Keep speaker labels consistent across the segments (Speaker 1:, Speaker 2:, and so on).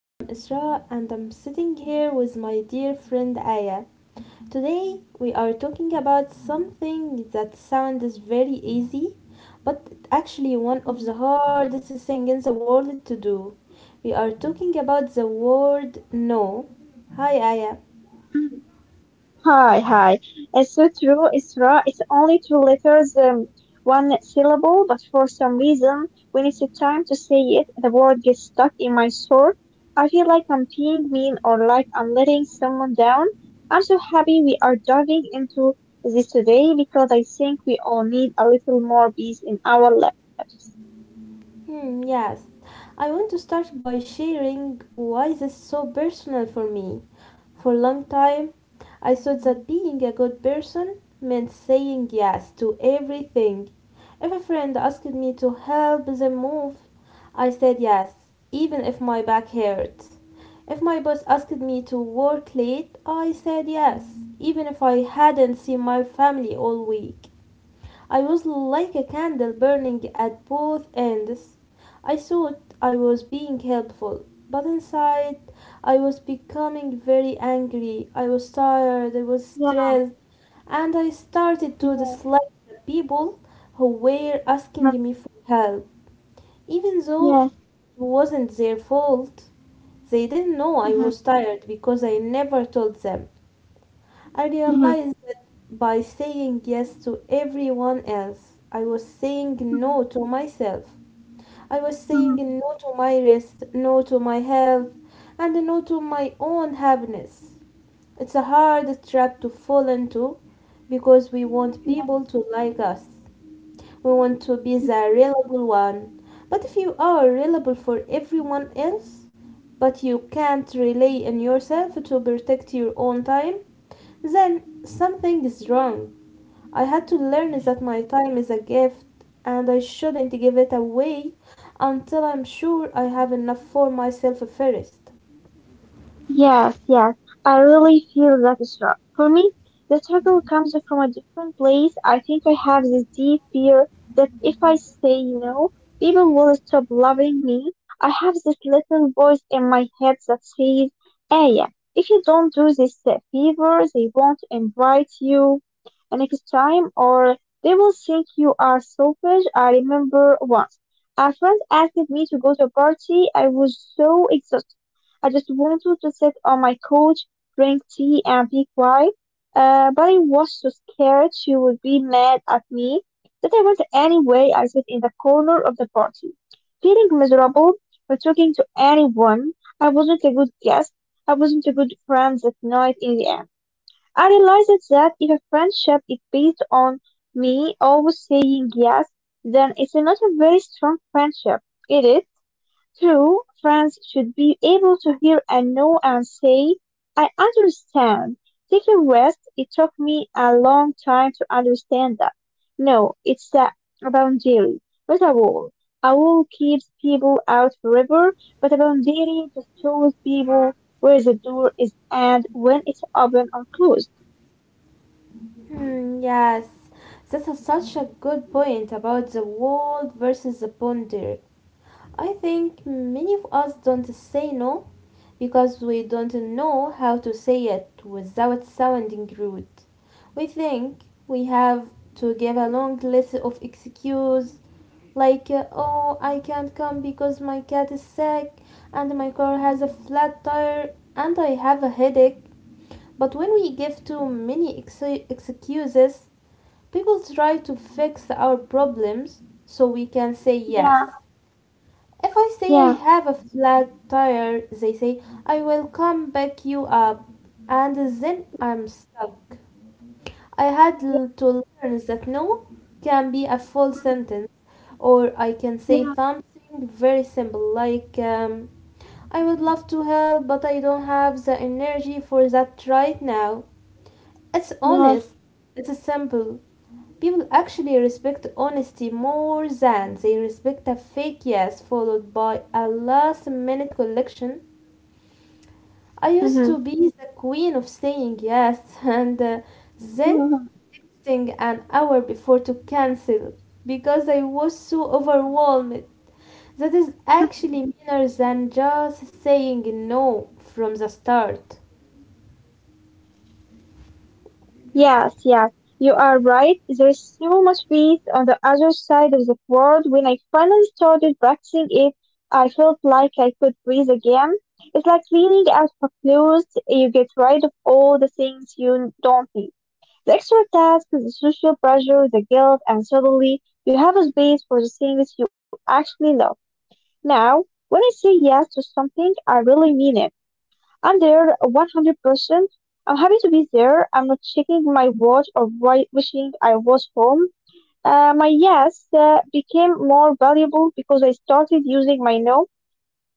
Speaker 1: I am Isra, and I'm sitting here with my dear friend Aya. Today, we are talking about something that sounds very easy, but actually one of the
Speaker 2: Mm.
Speaker 1: hardest things in the world to do. We are talking about the word no. Hi, Aya.
Speaker 2: Hi, hi. It's so true, Isra. It's only two letters, one syllable, but for some reason, when it's time to say it, the word gets stuck in my throat. I feel like I'm being mean or like I'm letting someone down. I'm so happy we are diving into this today because I think we all need a little more peace in our lives.
Speaker 1: Hmm, yes, I want to start by sharing why this is so personal for me. For a long time, I thought that being a good person meant saying yes to everything. If a friend asked me to help them move, I said yes, even if my back hurt. If my boss asked me to work late, I said yes, even if I hadn't seen my family all week. I was like a candle burning at both ends. I thought I was being helpful, but inside I was becoming very angry. I was tired, I was
Speaker 2: Yeah,
Speaker 1: stressed, and I started to
Speaker 2: yeah,
Speaker 1: dislike the people who were
Speaker 2: yeah,
Speaker 1: asking me for help, even though
Speaker 2: yes,
Speaker 1: it wasn't their fault. They didn't know I
Speaker 2: mhm,
Speaker 1: was tired because I never told them. I
Speaker 2: mhm,
Speaker 1: realized that by saying yes to everyone else, I was saying
Speaker 2: mhm,
Speaker 1: no to myself. I was saying
Speaker 2: mhm,
Speaker 1: no to my rest, no to my health, and no to my own happiness. It's a hard trap to fall into because we want
Speaker 2: yeah.
Speaker 1: people to like us. We want to be the reliable one. But if you are reliable for everyone else, but you can't rely on yourself to protect your own time, then something is wrong. I had to learn that my time is a gift and I shouldn't give it away until I'm sure I have enough for myself first.
Speaker 2: Yes, yes, I really feel that struggle. For me, the struggle comes from a different place. I think I have this deep fear that if I say no, people will stop loving me. I have this little voice in my head that says, "Aya, if you don't do this favor, they won't invite you next time, or they will think you are selfish." I remember once, a friend asked me to go to a party. I was so exhausted I just wanted to sit on my couch, drink tea, and be quiet. But I was so scared she would be mad at me that I went anyway. I sat in the corner of the party, feeling miserable, not talking to anyone. I wasn't a good guest. I wasn't a good friend that night. In the end, I realized that if a friendship is based on me always saying yes, then it's not a very strong friendship. It is. Two, friends should be able to hear and know and say, "I understand. Take a rest." It took me a long time to understand that. No, it's a boundary, not a wall. A wall keeps people out forever, but a boundary just shows people where the door is and when it's open or closed.
Speaker 1: Hmm, yes, that is such a good point about the world versus the ponder. I think many of us don't say no because we don't know how to say it without sounding rude. We think we have to give a long list of excuses like, oh, I can't come because my cat is sick and my car has a flat tire and I have a headache. But when we give too many excuses, people try to fix our problems so we can say yes.
Speaker 2: Yeah,
Speaker 1: If I say I
Speaker 2: yeah,
Speaker 1: have a flat tire, they say, I will come back you up, and then
Speaker 2: mhm,
Speaker 1: I'm stuck. I had
Speaker 2: yeah,
Speaker 1: to learn that no can be a full
Speaker 2: mhm,
Speaker 1: sentence, or I can say
Speaker 2: yeah,
Speaker 1: something very simple like, I would love to help, but I don't have the energy for that right now. It's
Speaker 2: yes,
Speaker 1: honest, it's simple. People actually respect honesty more than they respect a fake yes followed by a last minute collection. I used
Speaker 2: mhm,
Speaker 1: to be the queen of saying yes and then
Speaker 2: yeah.
Speaker 1: texting an hour before to cancel because I was so overwhelmed. That is actually meaner than just saying no from the start.
Speaker 2: Yes, yes, you are right. There's so much peace on the other side of the world. When I finally started practicing it, I felt like I could breathe again. It's like cleaning out for clothes. You get rid of all the things you don't need. The extra tasks, the social pressure, the guilt, and suddenly you have a space for the things you actually love. Now, when I say yes to something, I really mean it. I'm there 100%. I'm happy to be there. I'm not checking my watch or wishing I was home. My yes became more valuable because I started using my no.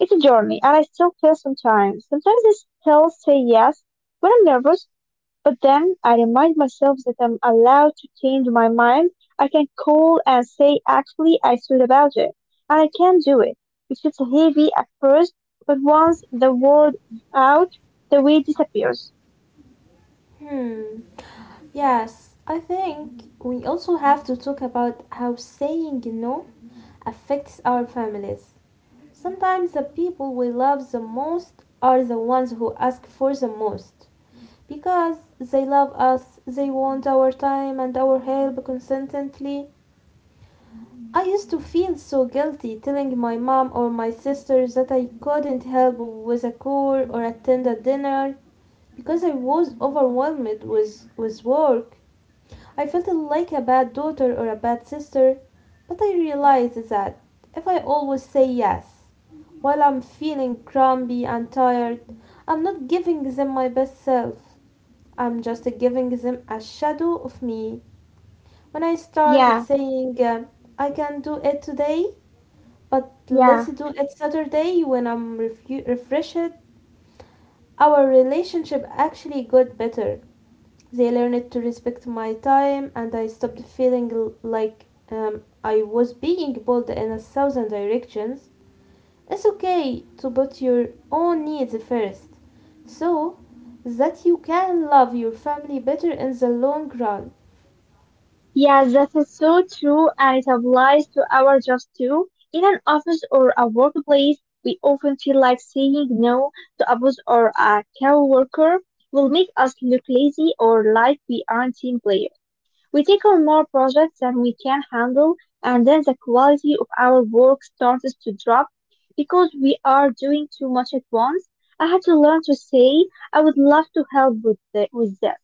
Speaker 2: It's a journey, and I still fail sometimes. Sometimes I still say yes when I'm nervous, but then I remind myself that I'm allowed to change my mind. I can call and say, "Actually, I thought about it, and I can do it." It feels heavy at first, but once the word is out, the weight disappears.
Speaker 1: Hmm. Yes, I think we also have to talk about how saying no affects our families. Sometimes the people we love the most are the ones who ask for the most. Because they love us, they want our time and our help constantly. I used to feel so guilty telling my mom or my sisters that I couldn't help with a chore or attend a dinner because I was overwhelmed with work. I felt like a bad daughter or a bad sister, but I realized that if I always say yes while I'm feeling grumpy and tired, I'm not giving them my best self. I'm just giving them a shadow of me. When I started
Speaker 2: Yeah,
Speaker 1: saying, I can do it today, but let's
Speaker 2: yeah,
Speaker 1: do it Saturday when I'm refreshed, our relationship actually got better. They learned to respect my time, and I stopped feeling like I was being pulled in a thousand directions. It's okay to put your own needs first so that you can love your family better in the long run.
Speaker 2: yeah, that is so true, and it applies to our jobs too. In an office or a workplace, we often feel like saying no to a boss or a coworker will make us look lazy or like we aren't team players. We take on more projects than we can handle, and then the quality of our work starts to drop because we are doing too much at once. I had to learn to say, "I would love to help with, with this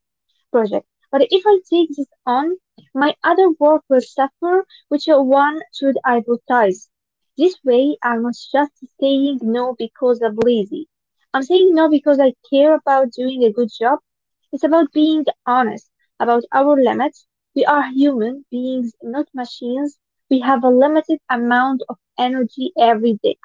Speaker 2: project. But if I take this on, my other work will suffer. Which one should I prioritize?" This way, I'm not just saying no because I'm lazy. I'm saying no because I care about doing a good job. It's about being honest about our limits. We are human beings, not machines. We have a limited amount of energy every day,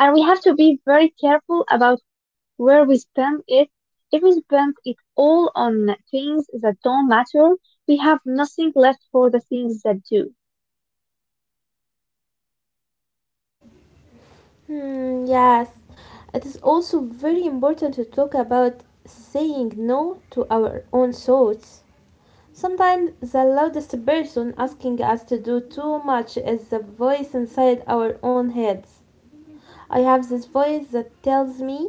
Speaker 2: and we have to be very careful about where we spend it. If we spend it all on things that don't matter, we have nothing left for the things that do.
Speaker 1: Hmm, yes, it is also very important to talk about saying no to our own thoughts. Sometimes the loudest person asking us to do too much is the voice inside our own heads. I have this voice that tells me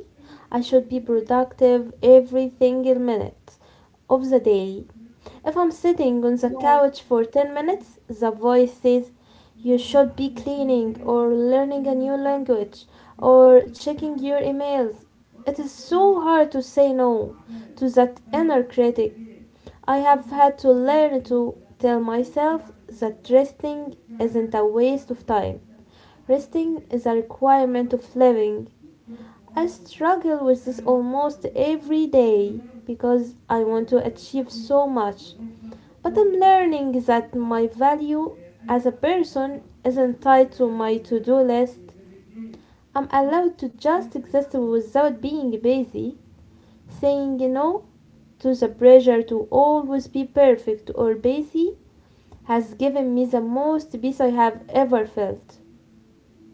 Speaker 1: I should be productive every single minute of the day. If I'm sitting on the couch for 10 minutes, the voice says, you should be cleaning or learning a new language or checking your emails. It is so hard to say no to that inner critic. I have had to learn to tell myself that resting isn't a waste of time. Resting is a requirement of living. I struggle with this almost every day because I want to achieve so much. But I'm learning that my value as a person isn't tied to my to do list. I'm allowed to just exist without being busy. Saying no to the pressure to always be perfect or busy has given me the most peace I have ever felt.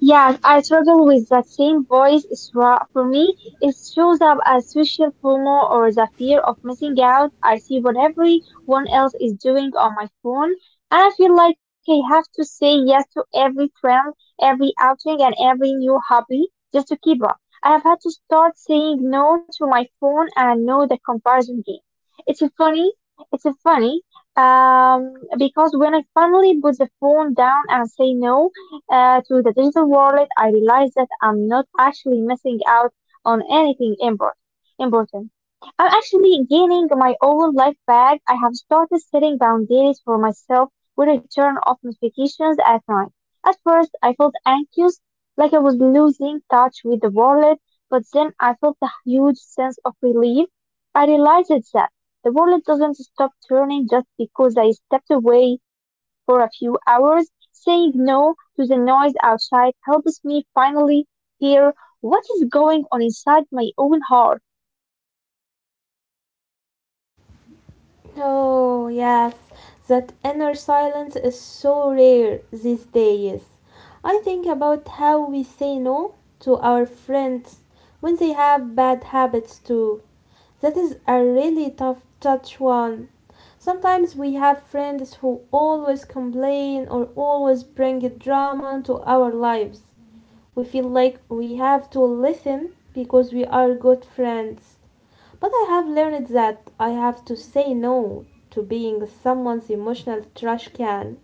Speaker 2: Yes, I struggle with that same voice. It's raw. For me, it shows up as social FOMO, or the fear of missing out. I see what everyone else is doing on my phone, and I feel like I have to say yes to every trend, every outing, and every new hobby just to keep up. I have had to start saying no to my phone and no the comparison game. It's a funny, it's a funny, because when I finally put the phone down and say no, to the digital world, I realized that I'm not actually missing out on anything important. I'm actually gaining my own life back. I have started setting boundaries for myself with I turn off notifications at night. At first, I felt anxious, like I was losing touch with the world, but then I felt a huge sense of relief. I realized that the world doesn't stop turning just because I stepped away for a few hours. Saying no to the noise outside helps me finally hear what is going on inside my own heart.
Speaker 1: Oh, yes, that inner silence is so rare these days. I think about how we say no to our friends when they have bad habits too. That is a really tough touch one. Sometimes we have friends who always complain or always bring drama into our lives. We feel like we have to listen because we are good friends. But I have learned that I have to say no to being someone's emotional trash can.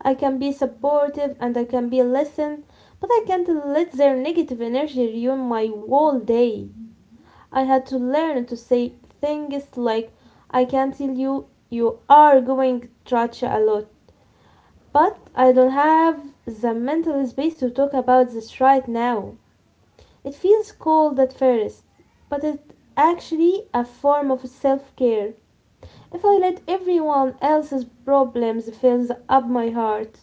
Speaker 1: I can be supportive and I can be listen, but I can't let their negative energy ruin my whole day. I had to learn to say things like, I can tell you you are going trash a lot, but I don't have the mental space to talk about this right now. It feels cold at first, but it's actually a form of self care. If I let everyone else's problems fill up my heart,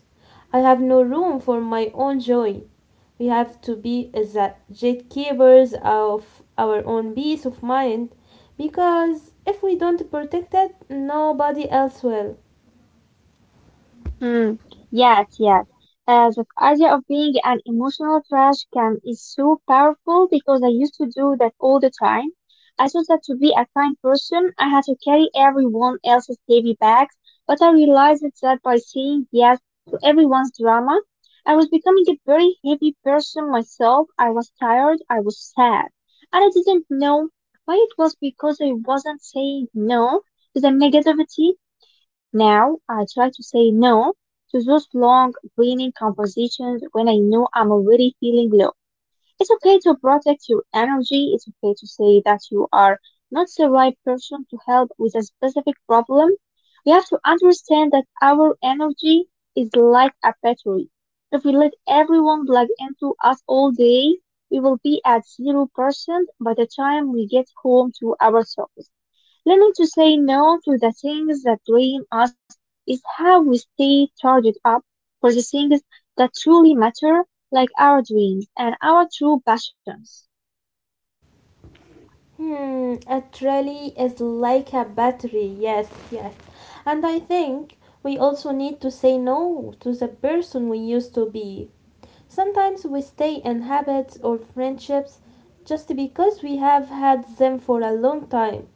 Speaker 1: I have no room for my own joy. We have to be the gatekeepers of our own peace of mind because if we don't protect it, nobody else will.
Speaker 2: Mm, yes, yes. The idea of being an emotional trash can is so powerful because I used to do that all the time. I thought that to be a kind person, I had to carry everyone else's heavy bags, but I realized that by saying yes to everyone's drama, I was becoming a very heavy person myself. I was tired, I was sad, and I didn't know why. It was because I wasn't saying no to the negativity. Now I try to say "no" to those long, draining conversations when I know I'm already feeling low. It's okay to protect your energy. It's okay to say that you are not the right person to help with a specific problem. We have to understand that our energy is like a battery. If we let everyone plug into us all day, we will be at 0% by the time we get home to ourselves. Learning to say no to the things that drain us is how we stay charged up for the things that truly matter, like our dreams and our true passions.
Speaker 1: Hmm, a really is like a battery. Yes, yes. And I think we also need to say no to the person we used to be. Sometimes we stay in habits or friendships just because we have had them for a long time.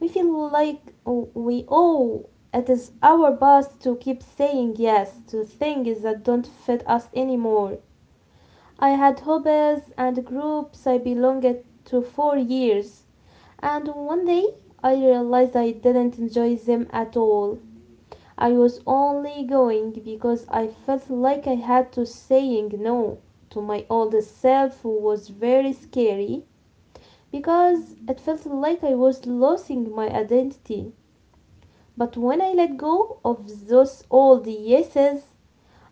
Speaker 1: We feel like we owe it is our past to keep saying yes to things that don't fit us anymore. I had hobbies and groups I belonged to for years, and one day I realized I didn't enjoy them at all. I was only going because I felt like I had to saying no to my old self who was very scary because it felt like I was losing my identity. But when I let go of those old yeses,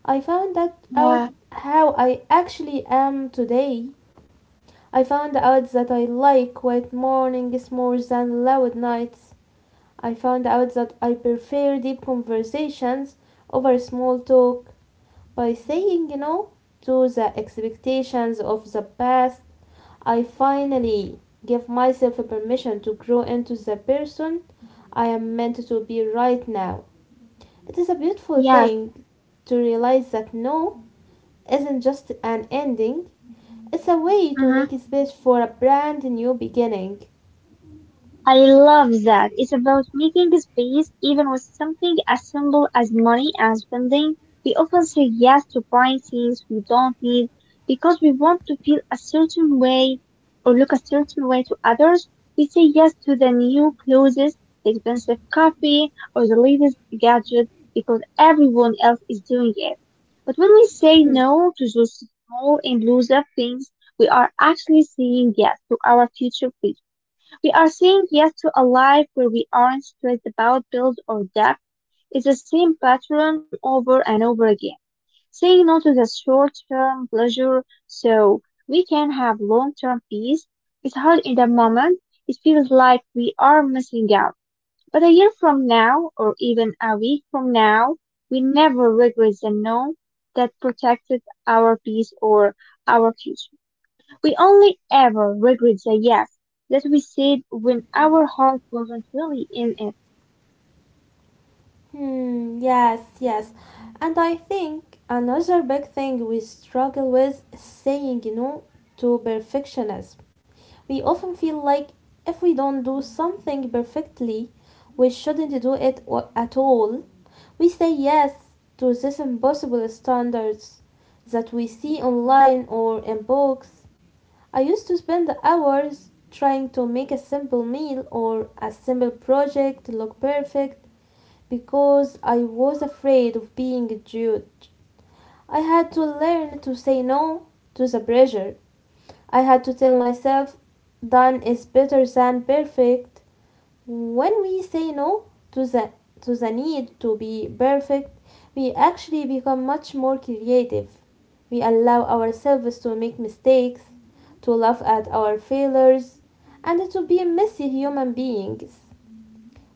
Speaker 1: I found that out
Speaker 2: Yeah,
Speaker 1: how I actually am today. I found out that I like quiet mornings more than loud nights. I found out that I prefer deep conversations over small talk. By saying no to the expectations of the past, I finally give myself permission to grow into the person I am meant to be right now. It is a beautiful
Speaker 2: yes,
Speaker 1: thing to realize that no isn't just an ending, it's a way to
Speaker 2: mhm.
Speaker 1: make space for a brand new beginning.
Speaker 2: I love that. It's about making space even with something as simple as money and spending. We often say yes to buying things we don't need because we want to feel a certain way or look a certain way to others. We say yes to the new clothes, the expensive coffee, or the latest gadget because everyone else is doing it. But when we say
Speaker 1: Hmm.
Speaker 2: no to those small and loose things, we are actually saying yes to our future freedom. We are saying yes to a life where we aren't stressed about bills or debt. It's the same pattern over and over again. Saying no to the short term pleasure so we can have long term peace. It's hard in the moment. It feels like we are missing out. But a year from now, or even a week from now, we never regret the no that protected our peace or our future. We only ever regret the yes that we said when our heart wasn't really in it.
Speaker 1: Hmm, yes, yes. And I think another big thing we struggle with is saying no to perfectionism. We often feel like if we don't do something perfectly, we shouldn't do it at all. We say yes to these impossible standards that we see online or in books. I used to spend hours trying to make a simple meal or a simple project look perfect because I was afraid of being judged. I had to learn to say no to the pressure. I had to tell myself, done is better than perfect. When we say no to the, to the need to be perfect, we actually become much more creative. We allow ourselves to make mistakes, to laugh at our failures, and to be messy human beings.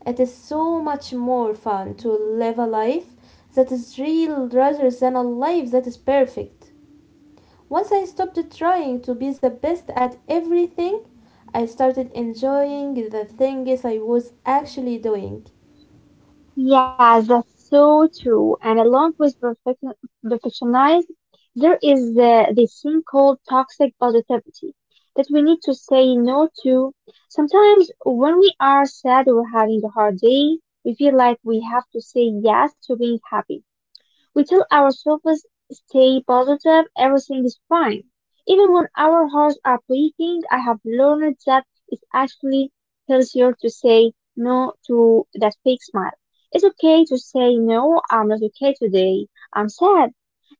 Speaker 1: It is so much more fun to live a life that is real rather than a life that is perfect. Once I stopped trying to be the best at everything, I started enjoying the things I was actually doing.
Speaker 2: Yeah, that's so true. And along with perfection, perfectionism, there is this thing called toxic positivity that we need to say no to. Sometimes when we are sad or having a hard day, we feel like we have to say yes to being happy. We tell ourselves, "Stay positive, everything is fine." Even when our hearts are breaking, I have learned that it's actually healthier to say no to that fake smile. It's okay to say, "No, I'm not okay today. I'm sad.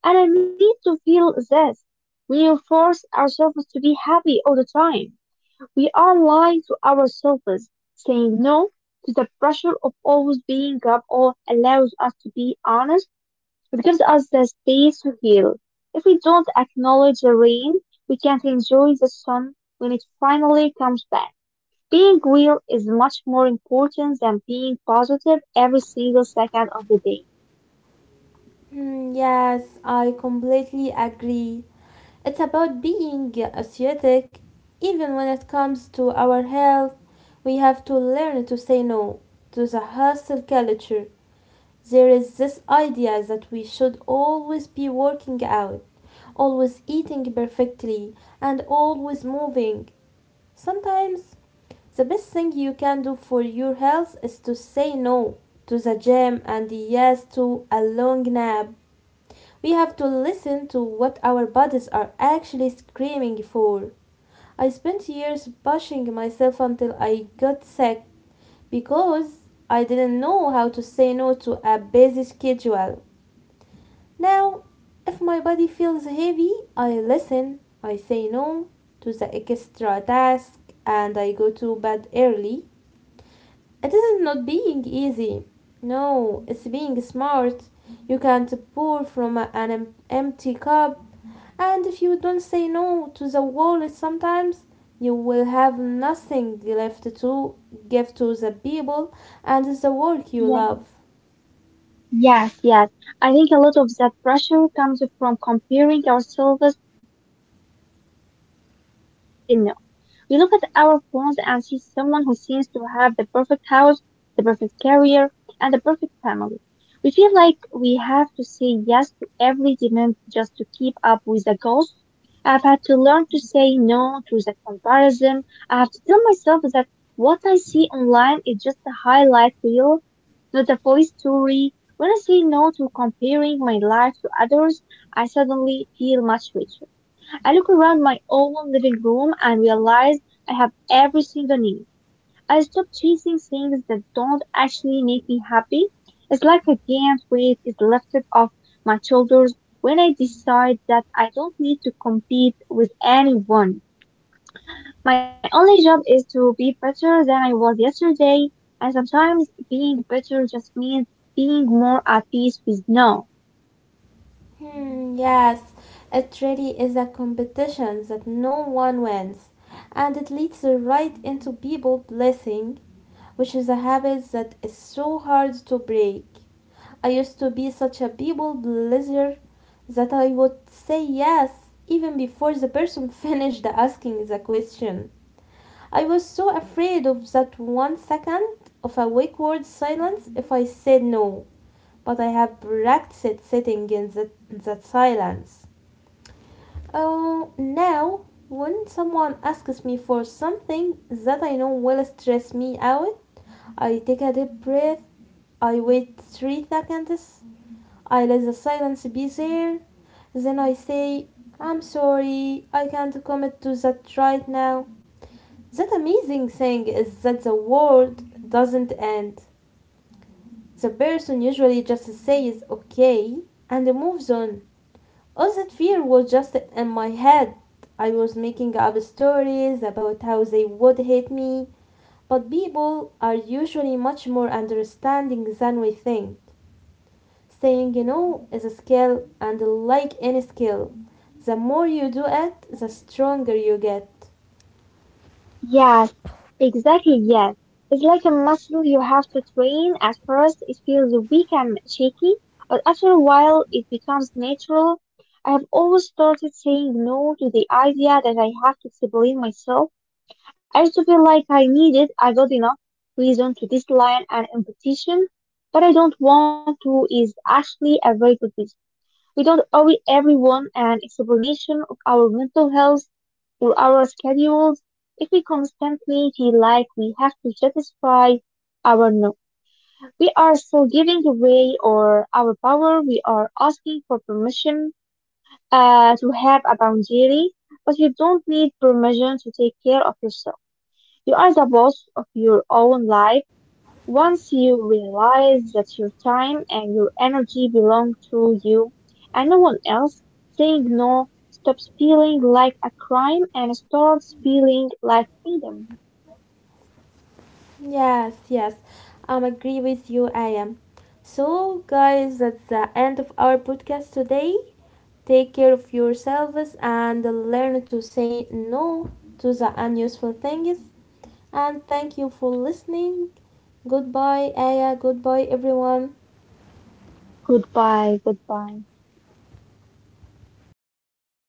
Speaker 2: And I need to feel this." We force ourselves to be happy all the time. We are lying to ourselves. Saying no to the pressure of always being up or allows us to be honest. It gives us the space to heal. If we don't acknowledge the rain, we can't enjoy the sun when it finally comes back. Being real is much more important than being positive every single second of the day.
Speaker 1: Hmm, yes, I completely agree. It's about being aesthetic. Even when it comes to our health, we have to learn to say no to the hustle culture. There is this idea that we should always be working out, always eating perfectly, and always moving. Sometimes the best thing you can do for your health is to say no to the gym and yes to a long nap. We have to listen to what our bodies are actually screaming for. I spent years pushing myself until I got sick because I didn't know how to say no to a busy schedule. Now, if my body feels heavy, I listen, I say no to the extra task, and I go to bed early. It isn't not being easy. No, it's being smart. You can't pour from empty cup. And if you don't say no to the world sometimes, you will have nothing left to give to the people and the work you
Speaker 2: Yeah.
Speaker 1: love.
Speaker 2: Yes, yes. I think a lot of that pressure comes from comparing ourselves to people we don't even know. We look at our phones and see someone who seems to have the perfect house, the perfect career, and the perfect family. We feel like we have to say yes to every demand just to keep up with the goals. I've had to learn to say no to that comparison. I have to tell myself that what I see online is just a highlight reel, not the full story. When I say no to comparing my life to others, I suddenly feel much richer. I looked around my own living room and realized I have everything I need. I stopped chasing things that don't actually make me happy. It's like a giant weight is lifted off my shoulders when I decide that I don't need to compete with anyone. My only job is to be better than I was yesterday, and sometimes being better just means being more at peace with no.
Speaker 1: Hmm, yes, it really is a competition that no one wins, and it leads right into people blessing, which is a habit that is so hard to break. I used to be such a people pleaser that I would say yes even before the person finished asking the question. I was so afraid of that one second of a awkward silence if I said no. But I have practiced sitting that silence. Oh, now when someone asks me for something that I know will stress me out, I take a deep breath. I wait 3 seconds. I let the silence be there. Then I say, I'm sorry, I can't commit to that right now. That amazing thing is that the world doesn't end. The person usually just says okay and moves on. All that fear was just in my head. I was making up stories about how they would hate me. But people are usually much more understanding than we think. Saying you know is a skill, and like any skill, the more you do it, the stronger you get.
Speaker 2: Yes, exactly. Yes. It's like a muscle you have to train. At first, it feels weak and shaky, but after a while, it becomes natural. I have always started saying no to the idea that I have to explain myself. I used to feel like I needed a good enough reason to decline an invitation, but "I don't want to" is actually a very good reason. We don't owe everyone an explanation of our mental health or our schedules. If we constantly feel like we have to satisfy our no, we are still giving away or our power. We are asking for permission to have a boundary, but you don't need permission to take care of yourself. You are the boss of your own life. Once you realize that your time and your energy belong to you and no one else, saying no stops feeling like a crime and starts feeling like freedom.
Speaker 1: Yes, yes, I am agree with you, I am. So, guys, that's the end of our podcast today. Take care of yourselves and learn to say no to the unuseful things. And thank you for listening. Goodbye, Aya. Goodbye, everyone.
Speaker 2: Goodbye, goodbye.